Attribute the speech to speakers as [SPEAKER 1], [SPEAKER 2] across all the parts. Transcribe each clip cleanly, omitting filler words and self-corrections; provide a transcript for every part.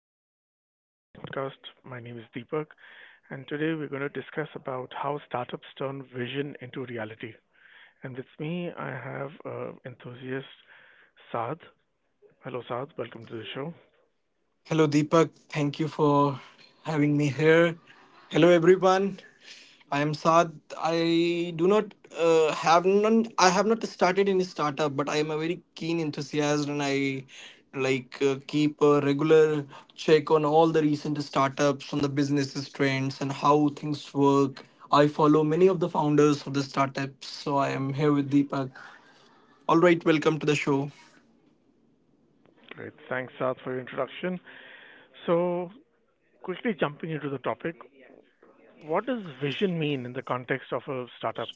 [SPEAKER 1] Welcome to today's podcast. My name is Deepak and today we're going to discuss about how startups turn vision into reality. And with me I have enthusiast Saad. Hello Saad, welcome to the show.
[SPEAKER 2] Hello, Deepak. Thank you for having me here. Hello, everyone. I am Saad. I do not have none. I have not started any startup, but I am a very keen enthusiast, and I like keep a regular check on all the recent startups, on the businesses trends, and how things work. I follow many of the founders of the startups, so I am here with Deepak. All right, welcome to the show.
[SPEAKER 1] Great. Thanks Saad for your introduction. So, quickly jumping into the topic, what does vision mean in the context of a startup?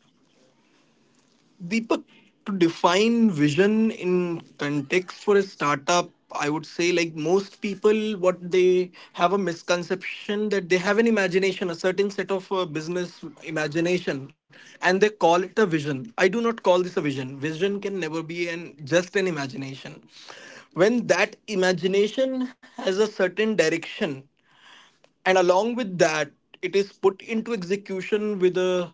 [SPEAKER 2] Deepak, to define vision in context for a startup, I would say like most people, what they have a misconception that they have an imagination, a certain set of business imagination, and they call it a vision. I do not call this a vision. Vision can never be an just an imagination. When that imagination has a certain direction and along with that it is put into execution with a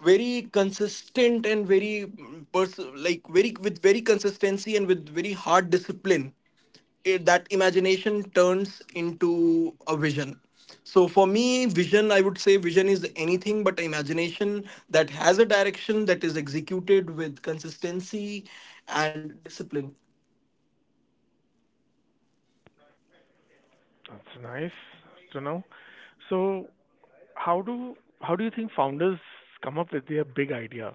[SPEAKER 2] very consistent and very like very with very consistency and with very hard discipline it, that imagination turns into a vision. So for me vision, I would say vision is anything but imagination that has a direction, that is executed with consistency and discipline.
[SPEAKER 1] That's nice to know. So, how do you think founders come up with their big idea?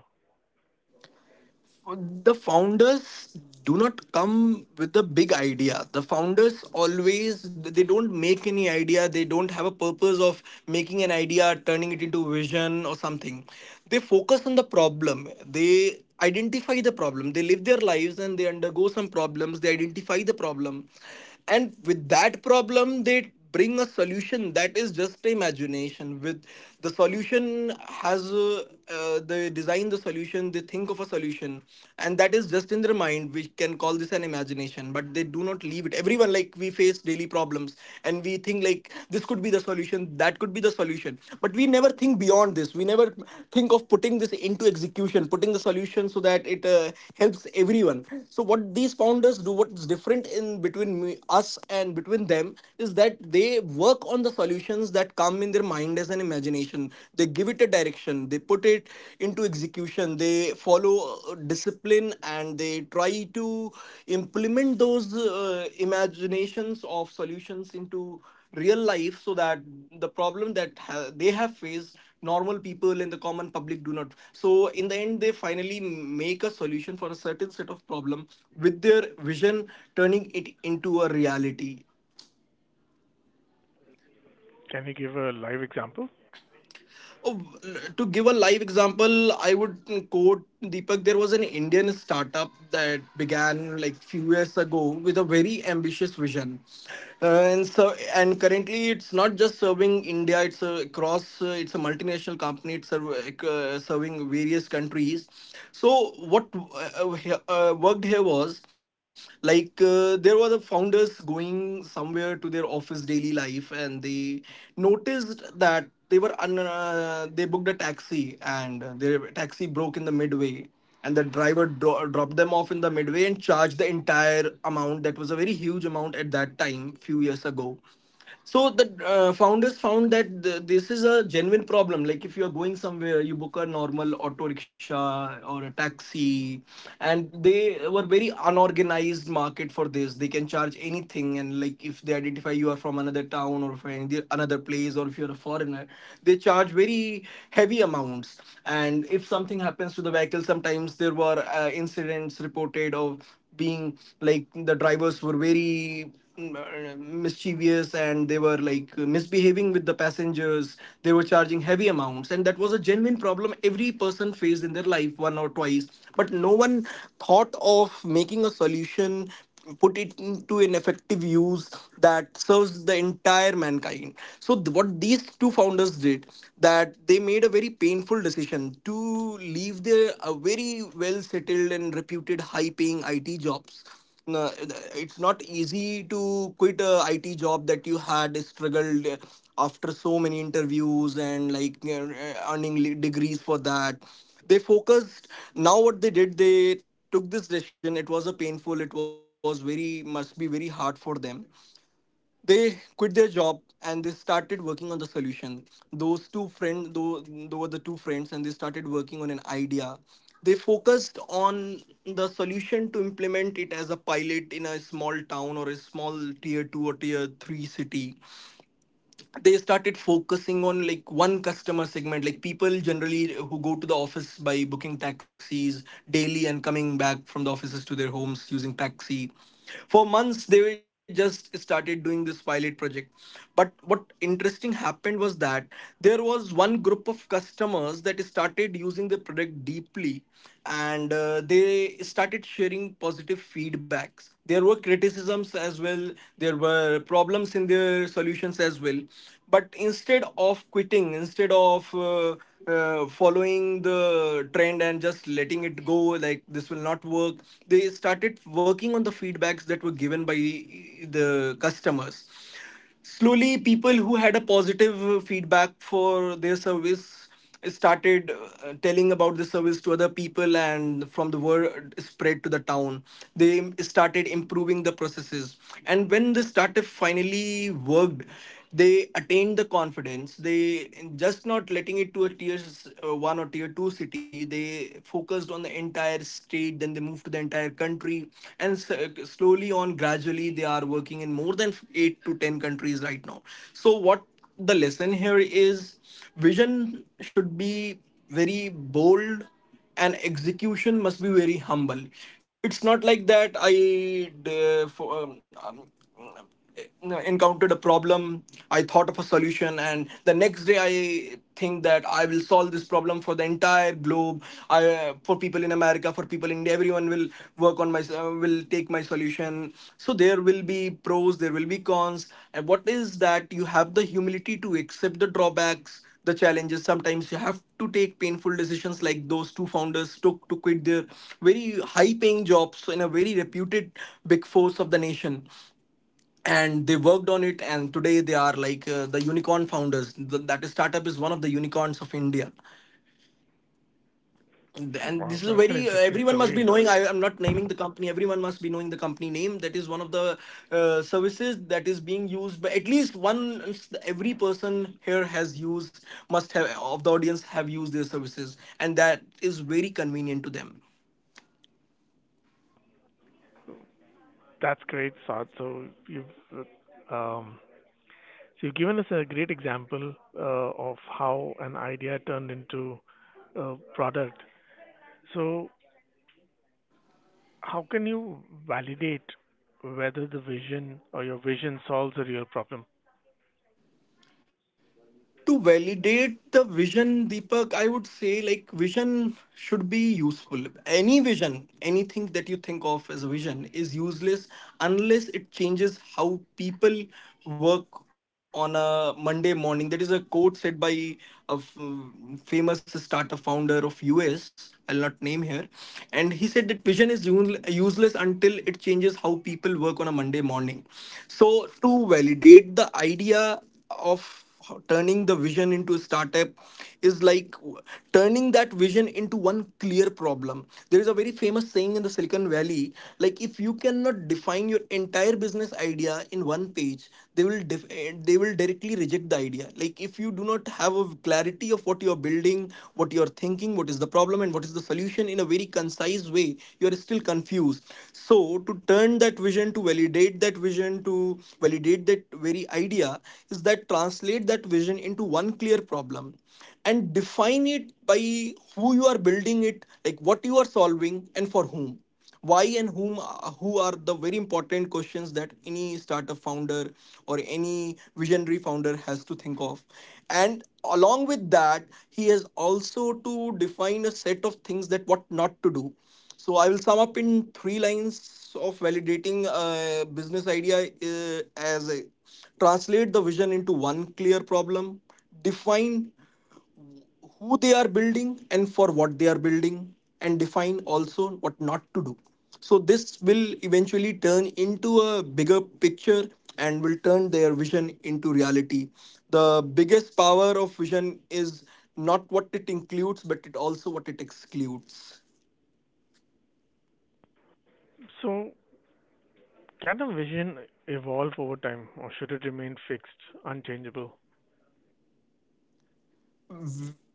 [SPEAKER 2] The founders do not come with a big idea. The founders always, they don't make any idea, they don't have a purpose of making an idea turning it into vision or something. They focus on the problem, they identify the problem, they live their lives and they undergo some problems, they identify the problem. And with that problem they bring a solution. That is just imagination. With the solution has they design the solution, they think of a solution, and that is just in their mind. We can call this an imagination, but they do not leave it. Everyone, like we face daily problems and we think like this could be the solution, that could be the solution, but we never think beyond this. We never think of putting this into execution, putting the solution so that it helps everyone. So what these founders do, what's different in between me, us and between them, is that they work on the solutions that come in their mind as an imagination. They give it a direction, they put it into execution, they follow discipline, and they try to implement those imaginations of solutions into real life, so that the problem that they have faced, normal people and the common public do not. So in the end they finally make a solution for a certain set of problem with their vision, turning it into a reality.
[SPEAKER 1] Can you give a live example?
[SPEAKER 2] Oh, to give a live example, I would quote Deepak. There was an Indian startup that began like few years ago with a very ambitious vision. And so and currently it's not just serving India. It's a, across. It's a multinational company. It's serving various countries. So what worked here was like there were the founders going somewhere to their office daily life, and they noticed that they booked a taxi, and their taxi broke in the midway. And the driver dropped them off in the midway and charged the entire amount. That was a very huge amount at that time, few years ago. So the founders found that th this is a genuine problem. Like if you're going somewhere, you book a normal auto rickshaw or a taxi, and they were very unorganized market for this. They can charge anything, and like if they identify you are from another town or from another place, or if you're a foreigner, they charge very heavy amounts. And if something happens to the vehicle, sometimes there were incidents reported of being like the drivers were very mischievous, and they were like misbehaving with the passengers, they were charging heavy amounts. And that was a genuine problem every person faced in their life one or twice. But no one thought of making a solution, put it into an effective use that serves the entire mankind. So what these two founders did, that they made a very painful decision to leave their very well settled and reputed high paying IT jobs. No, it's not easy to quit a IT job that you had struggled after so many interviews, and earning degrees for that. They focused. Now what they did, they took this decision. It was a painful, it was very, must be very hard for them. They quit their job and they started working on the solution. Those two friends, though they were the two friends, and they started working on an idea. They focused on the solution to implement it as a pilot in a small town or a small tier 2 or tier 3 city. They started focusing on like one customer segment, like people generally who go to the office by booking taxis daily and coming back from the offices to their homes using taxi. For months they were just started doing this pilot project, but what interesting happened was that there was one group of customers that started using the product deeply, and they started sharing positive feedbacks. There were criticisms as well, there were problems in their solutions as well. But instead of quitting, instead of following the trend and just letting it go, like this will not work, they started working on the feedbacks that were given by the customers. Slowly people who had a positive feedback for their service started telling about the service to other people, and from the word spread to the town, they started improving the processes. And when this startup finally worked, they attain the confidence. They just not letting it to a tier 1 or tier 2 city, they focused on the entire state, then they moved to the entire country. And slowly on gradually they are working in more than 8 to 10 countries right now. So what the lesson here is, vision should be very bold and execution must be very humble. It's not like that I uh, for, um, um, encountered a problem, I thought of a solution, and the next day I think that I will solve this problem for the entire globe. I for people in America, for people in India, everyone will work on my will take my solution. So there will be pros, there will be cons. And what is that you have the humility to accept the drawbacks, the challenges. Sometimes you have to take painful decisions like those two founders took to quit their very high paying jobs in a very reputed big force of the nation. And they worked on it, and today they are like the unicorn founders. That is startup is one of the unicorns of India. And
[SPEAKER 1] Wow,
[SPEAKER 2] this is a
[SPEAKER 1] that's an
[SPEAKER 2] very
[SPEAKER 1] interesting
[SPEAKER 2] everyone must be
[SPEAKER 1] story.
[SPEAKER 2] knowing, I am not naming the company, everyone must be knowing the company name, that is one of the services that is being used by at least one, every person here has used, must have, of the audience have used their services, and that is very convenient to them.
[SPEAKER 1] That's great, Saad. So uh, um, you've given us a great example of how an idea turned into a product. So how can you validate whether the vision or your vision solves a real problem?
[SPEAKER 2] To validate the vision, Deepak, I would say like vision should be useful. Any vision, anything that you think of as a vision, is useless unless it changes how people work on a Monday morning. That is a quote said by a f- famous startup founder of US, I'll not name here. And he said that vision is useless until it changes how people work on a Monday morning. So to validate the idea of turning the vision into a startup is like turning that vision into one clear problem. There is a very famous saying in the Silicon Valley, like if you cannot define your entire business idea in one page, they will they will directly reject the idea. Like if you do not have a clarity of what you are building, what you are thinking, what is the problem, and what is the solution, solution in a very concise way, you are still confused. So to turn that vision, to validate that vision, to validate that very idea, is that translate that vision into one clear problem, and define it by who you are building it, like what you are solving and for whom. Why and whom, who are the very important questions that any startup founder or any visionary founder has to think of. And along with that, he has also to define a set of things that what not to do. So I will sum up in three lines of validating a business idea, translate the vision into one clear problem, define who they are building and for what they are building, and define also what not to do. So this will eventually turn Into a bigger picture, and will turn their vision into reality. The biggest power of vision is not what it includes but it also what it excludes.
[SPEAKER 1] So can a vision evolve over time, or should it remain fixed, unchangeable?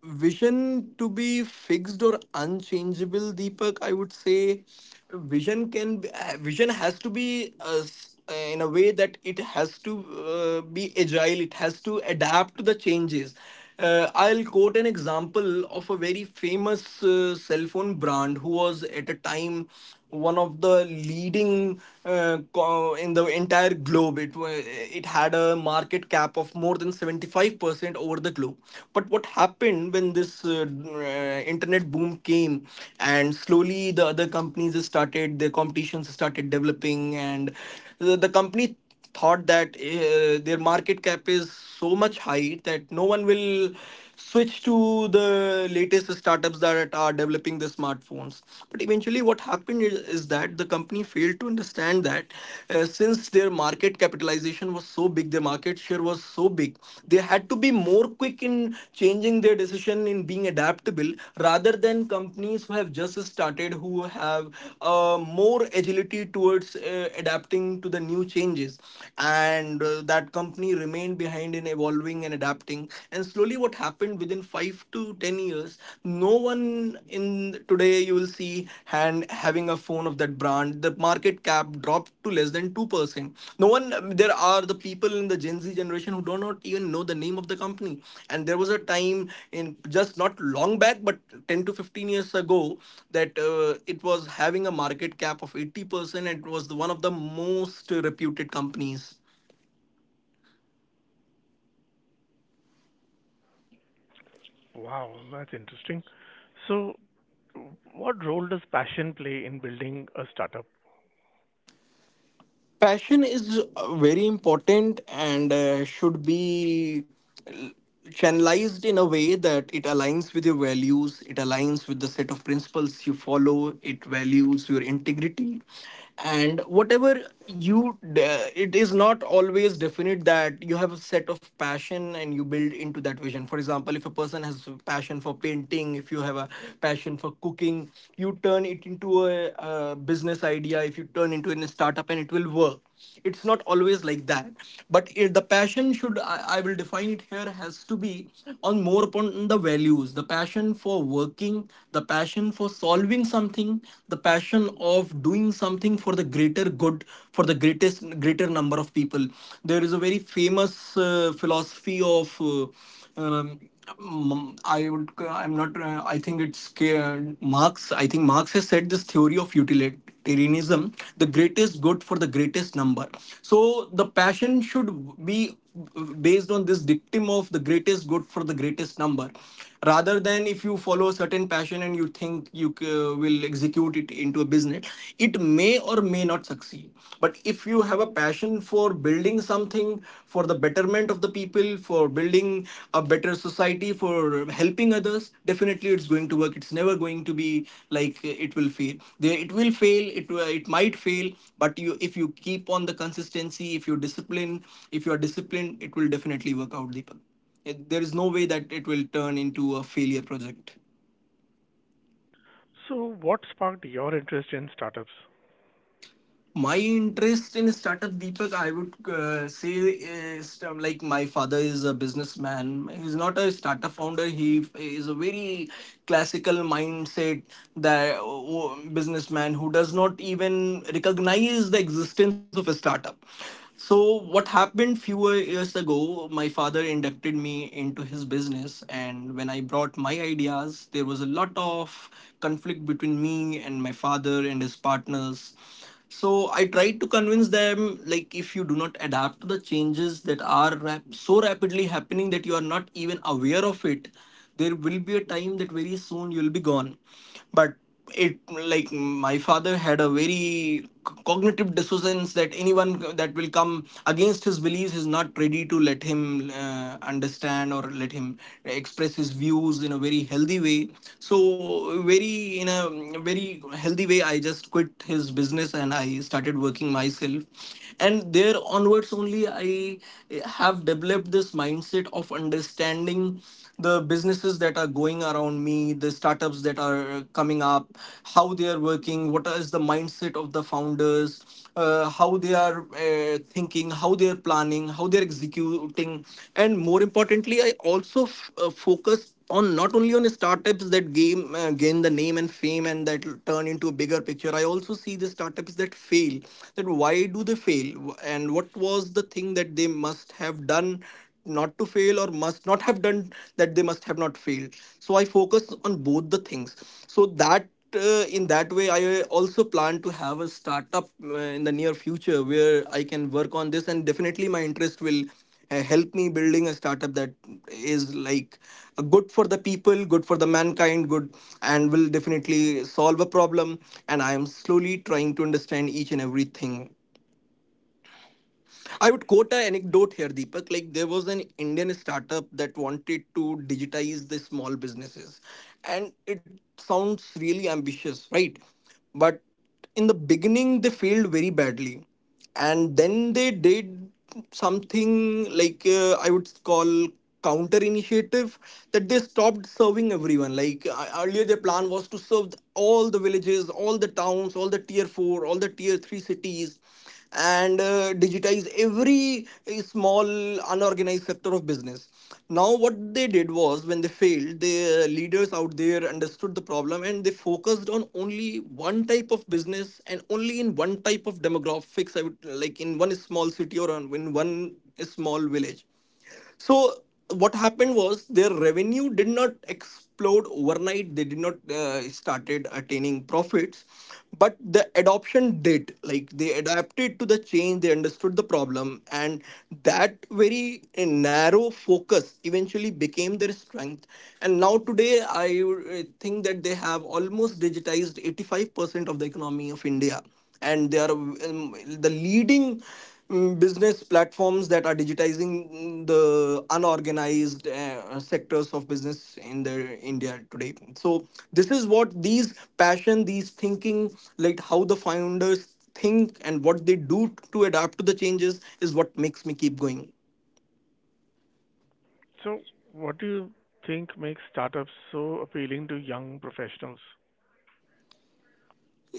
[SPEAKER 2] Vision to be fixed or unchangeable, Deepak, I would say vision can vision has to be in a way that it has to be agile. It has to adapt to the changes. I'll quote an example of a very famous cell phone brand who was at a time one of the leading in the entire globe. It was, it had a market cap of more than 75% over the globe. But what happened when this internet boom came, and slowly the other companies started, their competitions started developing, and the company thought that their market cap is so much high that no one will switch to the latest startups that are developing the smartphones. But eventually, what happened is that the company failed to understand that, since their market capitalization was so big, their market share was so big, they had to be more quick in changing their decision, in being adaptable, rather than companies who have just started, who have more agility towards adapting to the new changes. And that company remained behind in evolving and adapting. And slowly, what happened within 5 to 10 years, no one in today you will see hand having a phone of that brand. The market cap dropped to less than 2%. No one. There are the people in the Gen Z generation who do not even know the name of the company. And there was a time in just not long back, but 10 to 15 years ago, that it was having a market cap of 80%. It was the, one of the most reputed companies.
[SPEAKER 1] Wow, that's interesting. So, what role does passion play in building a startup?
[SPEAKER 2] Passion is very important, and should be channelized in a way that it aligns with your values, it aligns with the set of principles you follow, it values your integrity. And whatever it is not always definite that you have a set of passion and you build into that vision. For example, if a person has a passion for painting, if you have a passion for cooking, you turn it into a business idea, if you turn into a startup and it will work. It's not always like that. But it, the passion should, I will define it here, has to be on more upon the values, the passion for working, the passion for solving something, the passion of doing something for the greater good, for the greatest greater number of people. There is a very famous philosophy of um, I would. I'm not. I think it's Marx. I think Marx has said this theory of utility, humanitarianism, the greatest good for the greatest number. So the passion should be based on this dictum of the greatest good for the greatest number, rather than if you follow a certain passion and you think you will execute it into a business, it may or may not succeed. But if you have a passion for building something for the, for the betterment of the people, for building a better society, for helping others, definitely it's going to work. It's never going to be like, it will fail. There, it will fail. It might fail, but you, if you keep on the consistency, if you discipline, if you are disciplined, it will definitely work out, Deepak. There is no way that it will turn into a failure project.
[SPEAKER 1] So, what sparked your interest in startups?
[SPEAKER 2] My interest in startup, Deepak, I would say is, like, my father is a businessman. He's not a startup founder. He is a very classical mindset, that businessman who does not even recognize the existence of a startup. So what happened few years ago, my father inducted me into his business, and when I brought my ideas, there was a lot of conflict between me and my father and his partners. So I tried to convince them, like, if you do not adapt to the changes that are so rapidly happening that you are not even aware of it, there will be a time that very soon you'll be gone. But it, like, my father had a very c- cognitive dissonance, that anyone that will come against his beliefs, is not ready to let him understand, or let him express his views in a very healthy way. So very in a very healthy way, I just quit his business and I started working myself. And there onwards only, I have developed this mindset of understanding the businesses that are going around me, the startups that are coming up, how they are working, what is the mindset of the founders, how they are thinking, how they are planning, how they are executing. And more importantly, I also focus on not only on startups that gain, gain the name and fame and that turn into a bigger picture. I also see the startups that fail. That why do they fail, and what was the thing that they must have done not to fail, or must not have done, that they must have not failed. So I focus on both the things, so that in that way I also plan to have a startup in the near future where I can work on this. And definitely my interest will help me building a startup that is like good for the people, good for the mankind, good, and will definitely solve a problem. And I am slowly trying to understand each and everything. I would quote an anecdote here, Deepak. Like, there was an Indian startup that wanted to digitize the small businesses, and it sounds really ambitious, right? But in the beginning, they failed very badly, and then they did something like, I would call, counter initiative, that they stopped serving everyone. Like, earlier, their plan was to serve all the villages, all the towns, all the tier four, all the tier three cities, and digitize every small unorganized sector of business. Now what they did was, when they failed, the leaders out there understood the problem and they focused on only one type of business and only in one type of demographics. I would, like, in one small city or in one small village. So what happened was, their revenue did not explode overnight. They did not started attaining profits, but the adoption did. Like, they adapted to the change, they understood the problem, and that very narrow focus eventually became their strength. And now today, I think that they have almost digitized 85% of the economy of India, and they are, the leading business platforms that are digitizing the unorganized sectors of business in the India today. So this is what these passion, these thinking, like, how the founders think and what they do to adapt to the changes is what makes me keep going.
[SPEAKER 1] So, what do you think makes startups so appealing to young professionals?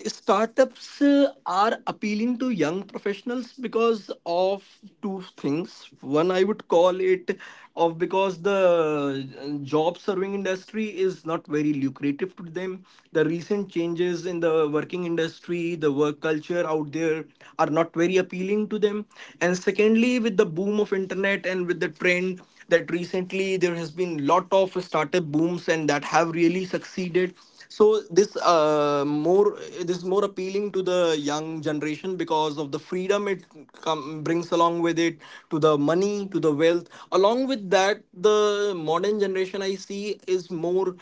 [SPEAKER 2] Startups are appealing to young professionals because of two things. One, I would call it of, because the job serving industry is not very lucrative to them. The recent changes in the working industry, the work culture out there, are not very appealing to them. And secondly, with the boom of internet and with the trend that recently there has been lot of startup booms and that have really succeeded. So this more this is more appealing to the young generation because of the freedom it brings along with it, to the money, to the wealth. Along with that, the modern generation I see is more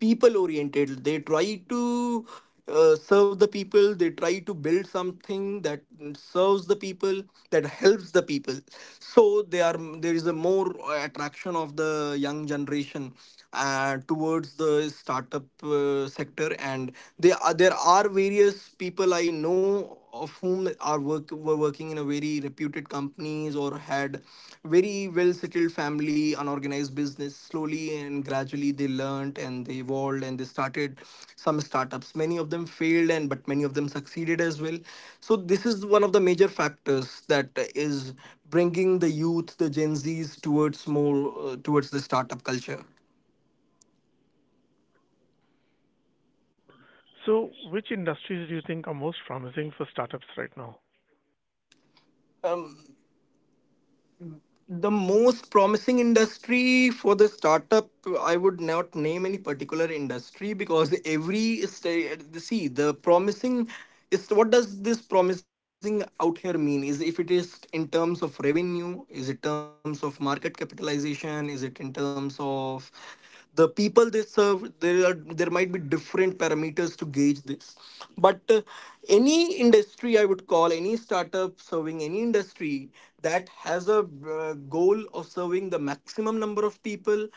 [SPEAKER 2] people oriented. They try to serve the people, they try to build something that serves the people, that helps the people. So they are, there is a more attraction of the young generation towards the startup sector. And there are various people I know of whom are work were working in a very reputed companies, or had very well settled family unorganized business. Slowly and gradually they learnt and they evolved, and they started some startups. Many of them failed, and but many of them succeeded as well. So this is one of the major factors that is bringing the youth, the Gen Z's, towards more, towards the startup culture.
[SPEAKER 1] So, which industries do you think are most promising for startups right now?
[SPEAKER 2] Um, the most promising industry for the startup, I would not name any particular industry, because every state see the promising is, what does this promising out here mean? Is if it is in terms of revenue, is it terms of market capitalization, is it in terms of the people they serve? There are, there might be different parameters to gauge this. But any industry, I would call any startup serving any industry that has a goal of serving the maximum number of people,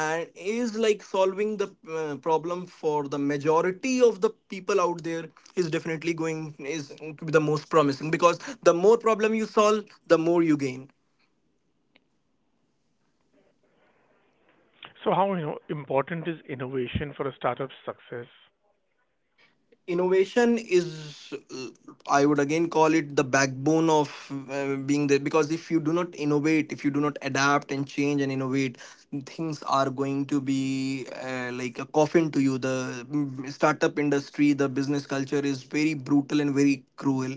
[SPEAKER 2] and is like solving the problem for the majority of the people out there, is definitely going is to be the most promising, because the more problem you solve, the more you gain.
[SPEAKER 1] So, how important is innovation for a startup's success?
[SPEAKER 2] Innovation is I would again call it the backbone of being there, because if you do not innovate, if you do not adapt and change and innovate, things are going to be like a coffin to you. The startup industry, the business culture, is very brutal and very cruel.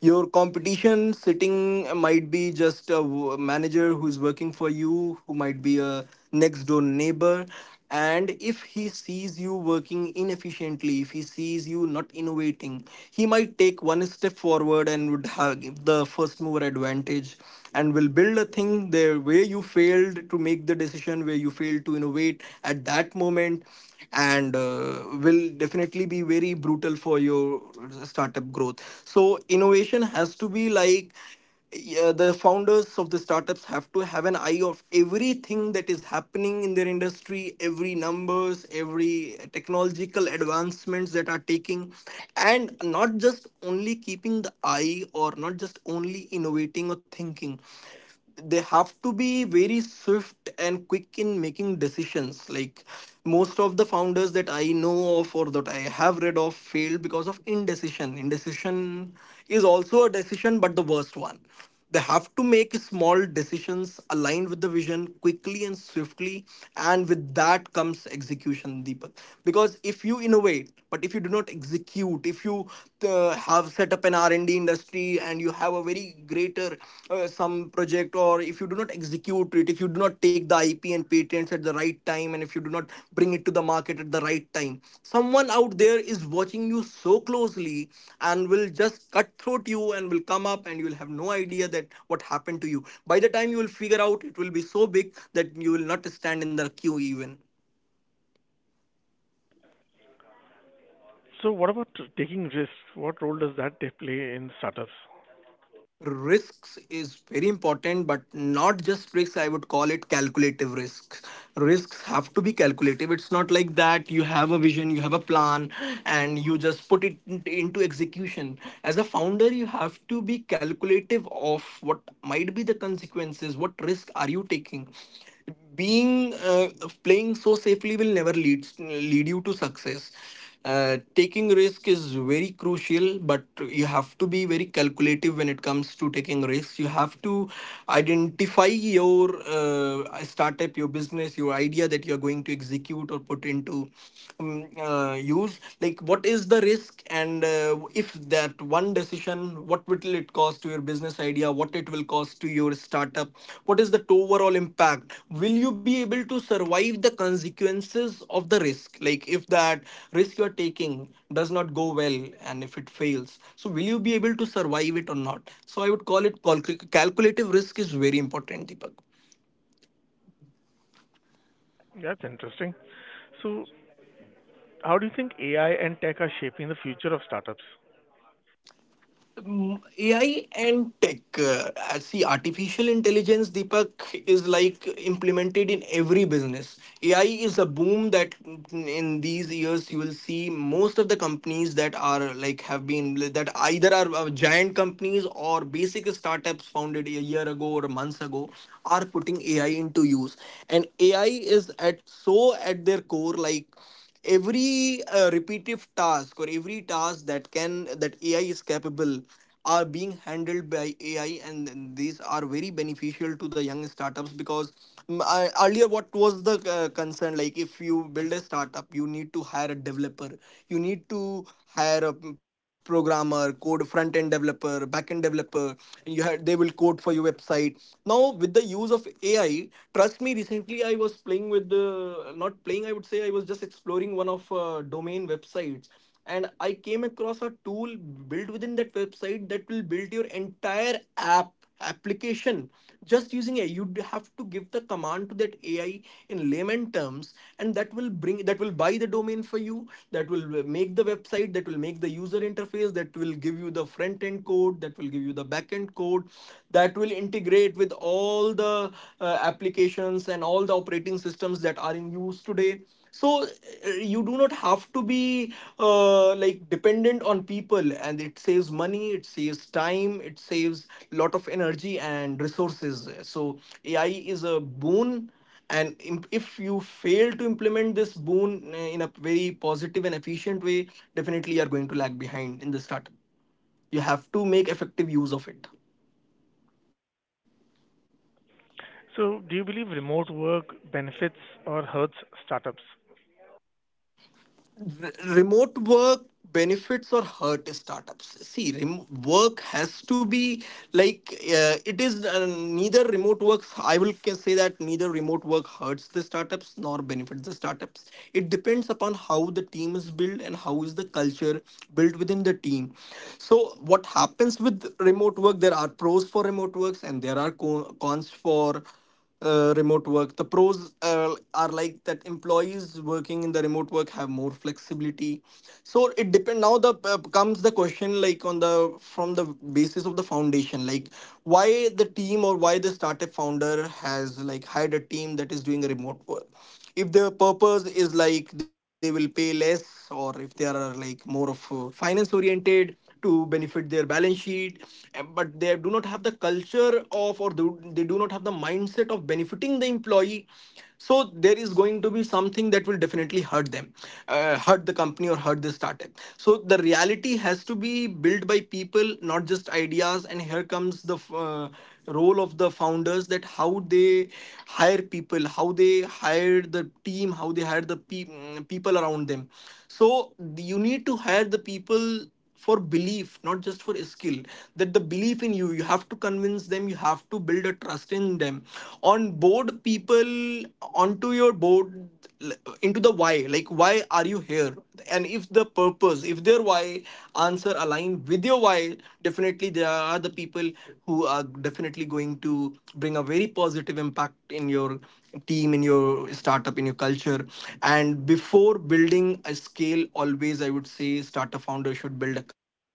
[SPEAKER 2] Your competition sitting might be just a manager who's working for you, who might be a next door neighbor. And if he sees you working inefficiently, if he sees you not innovating, he might take one step forward and would have give the first mover advantage, and will build a thing there where you failed to make the decision, where you failed to innovate at that moment, and will definitely be very brutal for your startup growth. So innovation has to be like, yeah, the founders of the startups have to have an eye of everything that is happening in their industry, every numbers, every technological advancements that are taking. And not just only keeping the eye or not just only innovating or thinking, they have to be very swift and quick in making decisions. Like, most of the founders that I know of or that I have read of failed because of indecision. Indecision is also a decision, but the worst one. They have to make small decisions aligned with the vision quickly and swiftly. And with that comes execution, Deepak. Because if you innovate but if you do not execute, if you have set up an R&D industry and you have a very greater some project, or if you do not execute it, if you do not take the IP and patents at the right time, and if you do not bring it to the market at the right time, someone out there is watching you so closely, and will just cutthroat you and will come up, and you will have no idea that what happened to you. By the time you will figure out, it will be so big that you will not stand in the queue even.
[SPEAKER 1] So, what about taking risks? What role does that they play in startups?
[SPEAKER 2] Risks is very important, but not just risks, I would call it calculative risks. Risks have to be calculative. It's not like that you have a vision, you have a plan, and you just put it into execution. As a founder, you have to be calculative of what might be the consequences, what risk are you taking. Being playing so safely will never lead you to success. Taking risk is very crucial, but you have to be very calculative when it comes to taking risks. You have to identify your startup, your business, your idea that you're going to execute or put into use. Like, what is the risk? And if that one decision, what will it cost to your business idea, what it will cost to your startup, what is the overall impact? Will you be able to survive the consequences of the risk? Like, if that risk you're taking does not go well, and if it fails, so will you be able to survive it or not? So I would call it calculative risk is very important, Deepak.
[SPEAKER 1] That's interesting. So, how do you think AI and tech are shaping the future of startups?
[SPEAKER 2] AI and tech. I see, artificial intelligence, Deepak, is like implemented in every business. AI is a boom that in these years you will see most of the companies that are like have been that either are giant companies or basic startups founded a year ago or months ago are putting AI into use. And AI is at so at their core. Like, every repetitive task or every task that can that AI is capable are being handled by AI, and these are very beneficial to the young startups. Because I, earlier, what was the concern? Like, if you build a startup, you need to hire a developer, you need to hire a programmer, code, front end developer, back end developer, and you had they will code for your website. Now with the use of AI, trust me, recently I was playing with the, not playing. I would say I was just exploring one of domain websites, and I came across a tool built within that website that will build your entire app application just using AI. You would have to give the command to that AI in layman terms, and that will bring that will buy the domain for you. That will make the website. That will make the user interface. That will give you the front end code. That will give you the back end code that that will integrate with all the applications and all the operating systems that are in use today. So you do not have to be like dependent on people, and it saves money, it saves time, it saves a lot of energy and resources. So AI is a boon, and if you fail to implement this boon in a very positive and efficient way, definitely you are going to lag behind in the startup. You have to make effective use of it.
[SPEAKER 1] So, do you believe remote work benefits or hurts startups?
[SPEAKER 2] Remote work benefits or hurt startups. See, work has to be like, it is neither remote works, I will say that neither remote work hurts the startups nor benefits the startups. It depends upon how the team is built and how is the culture built within the team. So what happens with remote work, there are pros for remote works, and there are cons for remote work. The pros are like that employees working in the remote work have more flexibility. So it depend. Now the comes the question like on the from the basis of the foundation. Like, why the team or why the startup founder has like hired a team that is doing a remote work? If the purpose is like they will pay less, or if they are like more of finance oriented to benefit their balance sheet, eh, but they do not have the culture of or they do not have the mindset of benefiting the employee, so there is going to be something that will definitely hurt them, hurt the company or hurt the startup. So the reality has to be built by people, not just ideas. And here comes the role of the founders, that how they hire people, how they hired the team, how they hired the people around them. So you need to hire the people for belief, not just for skill. That the belief in you, you have to convince them, you have to build a trust in them, on board people onto your board, into the why. Like, why are you here? And if the purpose, if their why answer align with your why, definitely there are the people who are definitely going to bring a very positive impact in your team, in your startup, in your culture. And before building a scale, always I would say startup founder should build a culture.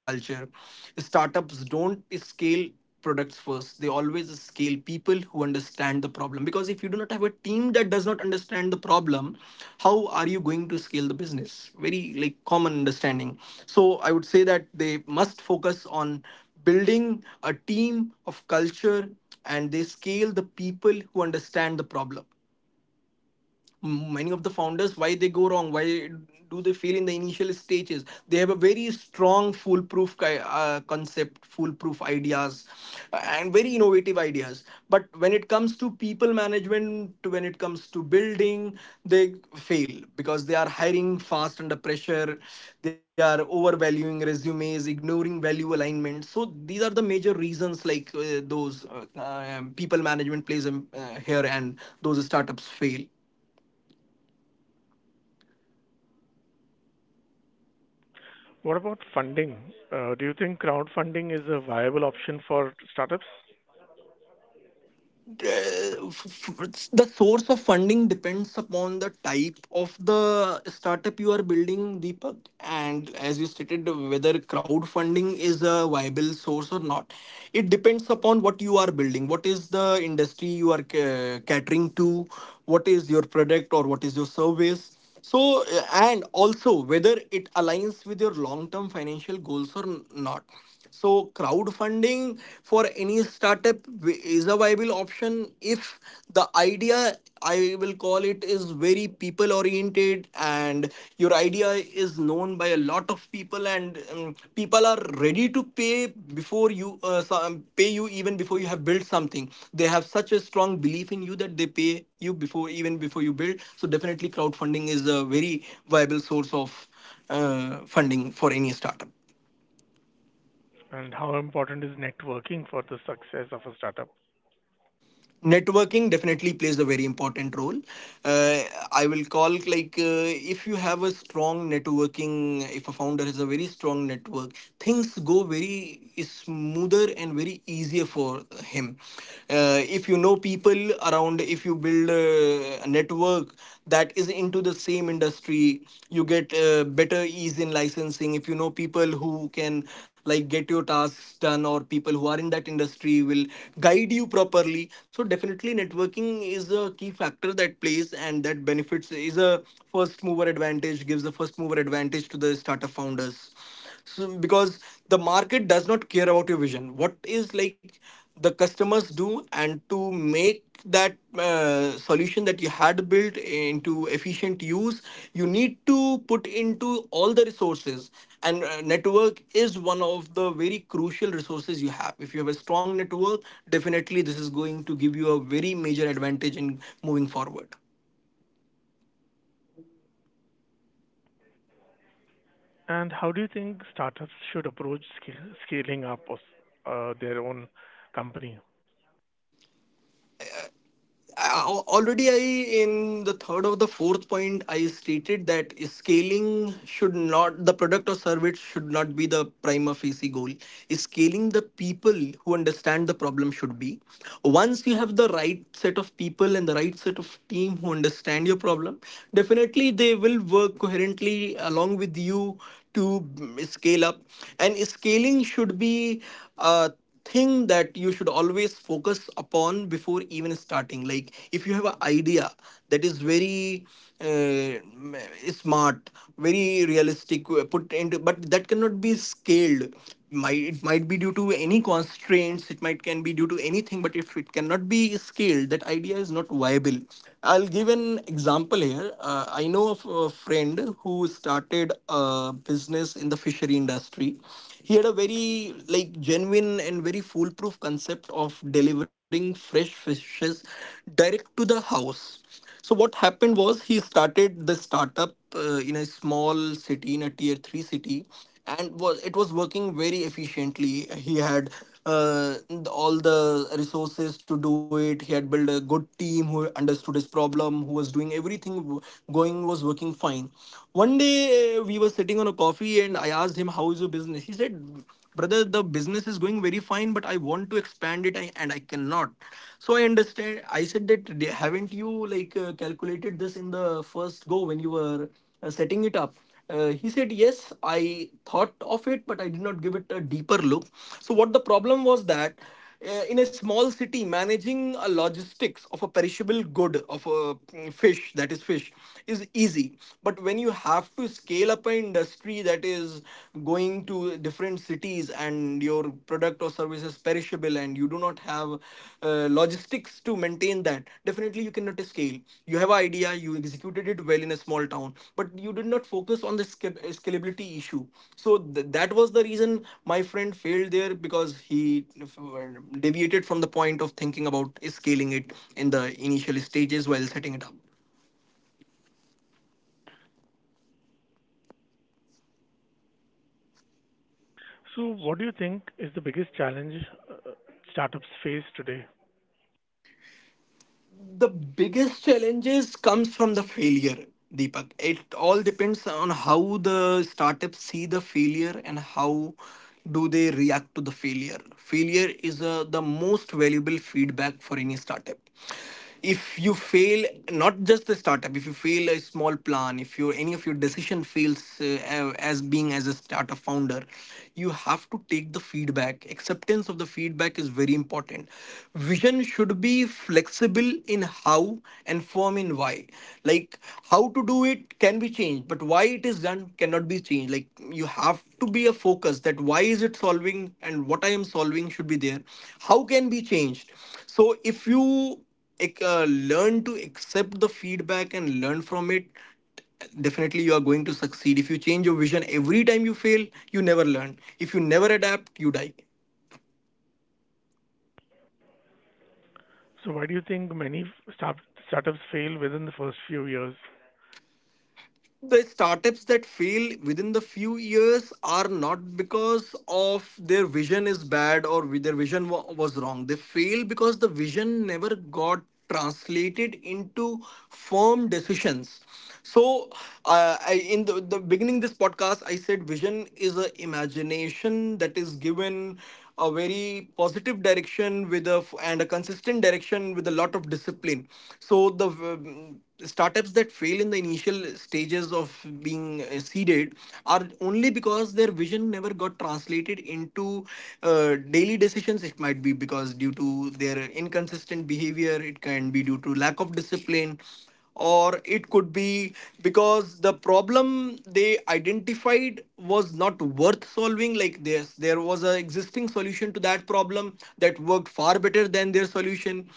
[SPEAKER 2] Startups don't scale products first. They always scale people who understand the problem. Because if you do not have a team that does not understand the problem, how are you going to scale the business? Very like common understanding. So I would say that they must focus on building a team of culture, and they scale the people who understand the problem. Many of the founders, why they go wrong, why do they fail in the initial stages? They have a very strong foolproof concept, foolproof ideas and very innovative ideas. But when it comes to people management, when it comes to building, they fail because they are hiring fast under pressure, they are overvaluing resumes, ignoring value alignment. So these are the major reasons, like those uh, people management plays here, and those startups fail.
[SPEAKER 1] What about funding? Do you think crowdfunding is a viable option for startups?
[SPEAKER 2] The source of funding depends upon the type of the startup you are building, Deepak. And as you stated, whether crowdfunding is a viable source or not, it depends upon what you are building, what is the industry you are catering to, what is your product, or what is your service. So, and also whether it aligns with your long term financial goals or not. So, crowdfunding for any startup is a viable option if the idea, I will call it, is very people oriented, and your idea is known by a lot of people, and people are ready to pay before you pay you even before you have built something. They have such a strong belief in you that they pay you before, even before you build. So definitely crowdfunding is a very viable source of funding for any startup.
[SPEAKER 1] And how important is networking for the success of a startup?
[SPEAKER 2] Networking definitely plays a very important role. uh, I will call like If you have a strong networking, if a founder has a very strong network, things go very smoother and very easier for him. If you know people around, if you build a network that is into the same industry, you get better ease in licensing. If you know people who can like get your tasks done, or people who are in that industry will guide you properly. So definitely networking is a key factor that plays, and that benefits is a first mover advantage, gives the first mover advantage to the startup founders. So, because the market does not care about your vision, what is like the customers do. And to make that solution that you had built into efficient use, you need to put into all the resources. And network is one of the very crucial resources you have. If you have a strong network, definitely this is going to give you a very major advantage in moving forward.
[SPEAKER 1] And how do you think startups should approach scaling up of, their own company?
[SPEAKER 2] Already I in the third or the fourth point I stated that scaling should not, the product or service should not be the prima facie goal. Scaling the people who understand the problem should be. Once you have the right set of people and the right set of team who understand your problem, definitely they will work coherently along with you to scale up. And scaling should be uh, thing that you should always focus upon before even starting. Like if you have an idea that is very uh, smart, very realistic, put into, but that cannot be scaled. Might, it might be due to any constraints, it might can be due to anything, but if it cannot be scaled, that idea is not viable. I'll give an example here. I know of a friend who started a business in the fishery industry. He had a very like genuine and very foolproof concept of delivering fresh fishes direct to the house. So what happened was, he started the startup in a small city, in a tier 3 city, and was, it was working very efficiently. He had uh, all the resources to do it. He had built a good team who understood his problem, who was doing everything going, was working fine. One day we were sitting on a coffee and I asked him, "How is your business?" He said, "Brother, the business is going very fine, but I want to expand it and I cannot." So I understand. I said that, Haven't you like calculated this in the first go when you were setting it up?" He said, "Yes, I thought of it, but I did not give it a deeper look." So, what the problem was that in a small city, managing a logistics of a perishable good of a fish, that is fish, is easy. But when you have to scale up an industry that is going to different cities and your product or services perishable, and you do not have logistics to maintain that, definitely you cannot scale. You have an idea, you executed it well in a small town, but you did not focus on the scalability issue. So that was the reason my friend failed there, because he deviated from the point of thinking about scaling it in the initial stages while setting it up.
[SPEAKER 1] So, what do you think is the biggest challenge startups face today?
[SPEAKER 2] The biggest challenges comes from the failure, Deepak. It all depends on how the startups see the failure and how do they react to the failure. Failure is the most valuable feedback for any startup. If you fail, not just the startup, if you fail a small plan, if your any of your decision fails, as being as a startup founder, you have to take the feedback. Acceptance of the feedback is very important. Vision should be flexible in how, and firm in why. Like how to do it can be changed, but why it is done cannot be changed. Like you have to be a focus, that why is it solving, and what I am solving should be there. How can be changed. So if you ec- uh, learn to accept the feedback and learn from it, definitely you are going to succeed. If you change your vision every time you fail, you never learn. If you never adapt, you die.
[SPEAKER 1] So, why do you think many startups fail within the first few years?
[SPEAKER 2] The startups that fail within the few years are not because of their vision is bad, or with their vision was wrong. They fail because the vision never got translated into firm decisions. So I, in the beginning this podcast I said vision is a imagination that is given a very positive direction with a and a consistent direction with a lot of discipline. So the startups that fail in the initial stages of being seeded are only because their vision never got translated into daily decisions. It might be because due to their inconsistent behavior, it can be due to lack of discipline, or it could be because the problem they identified was not worth solving. Like this, there was an existing solution to that problem that worked far better than their solution.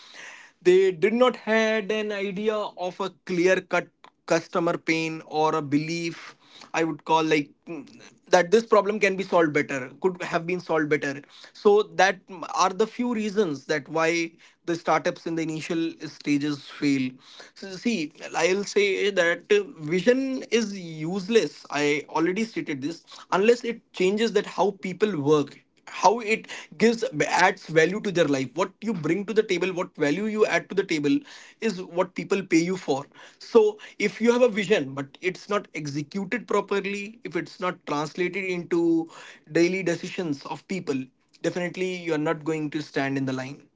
[SPEAKER 2] They did not had an idea of a clear cut customer pain or a belief, I would call like, that this problem can be solved better, could have been solved better. So that are the few reasons that why the startups in the initial stages fail. So see, I'll say that vision is useless. I already stated this, unless it changes that how people work, how it gives, adds value to their life. What you bring to the table, what value you add to the table is what people pay you for. So if you have a vision, but it's not executed properly, if it's not translated into daily decisions of people, definitely you are not going to stand in the line.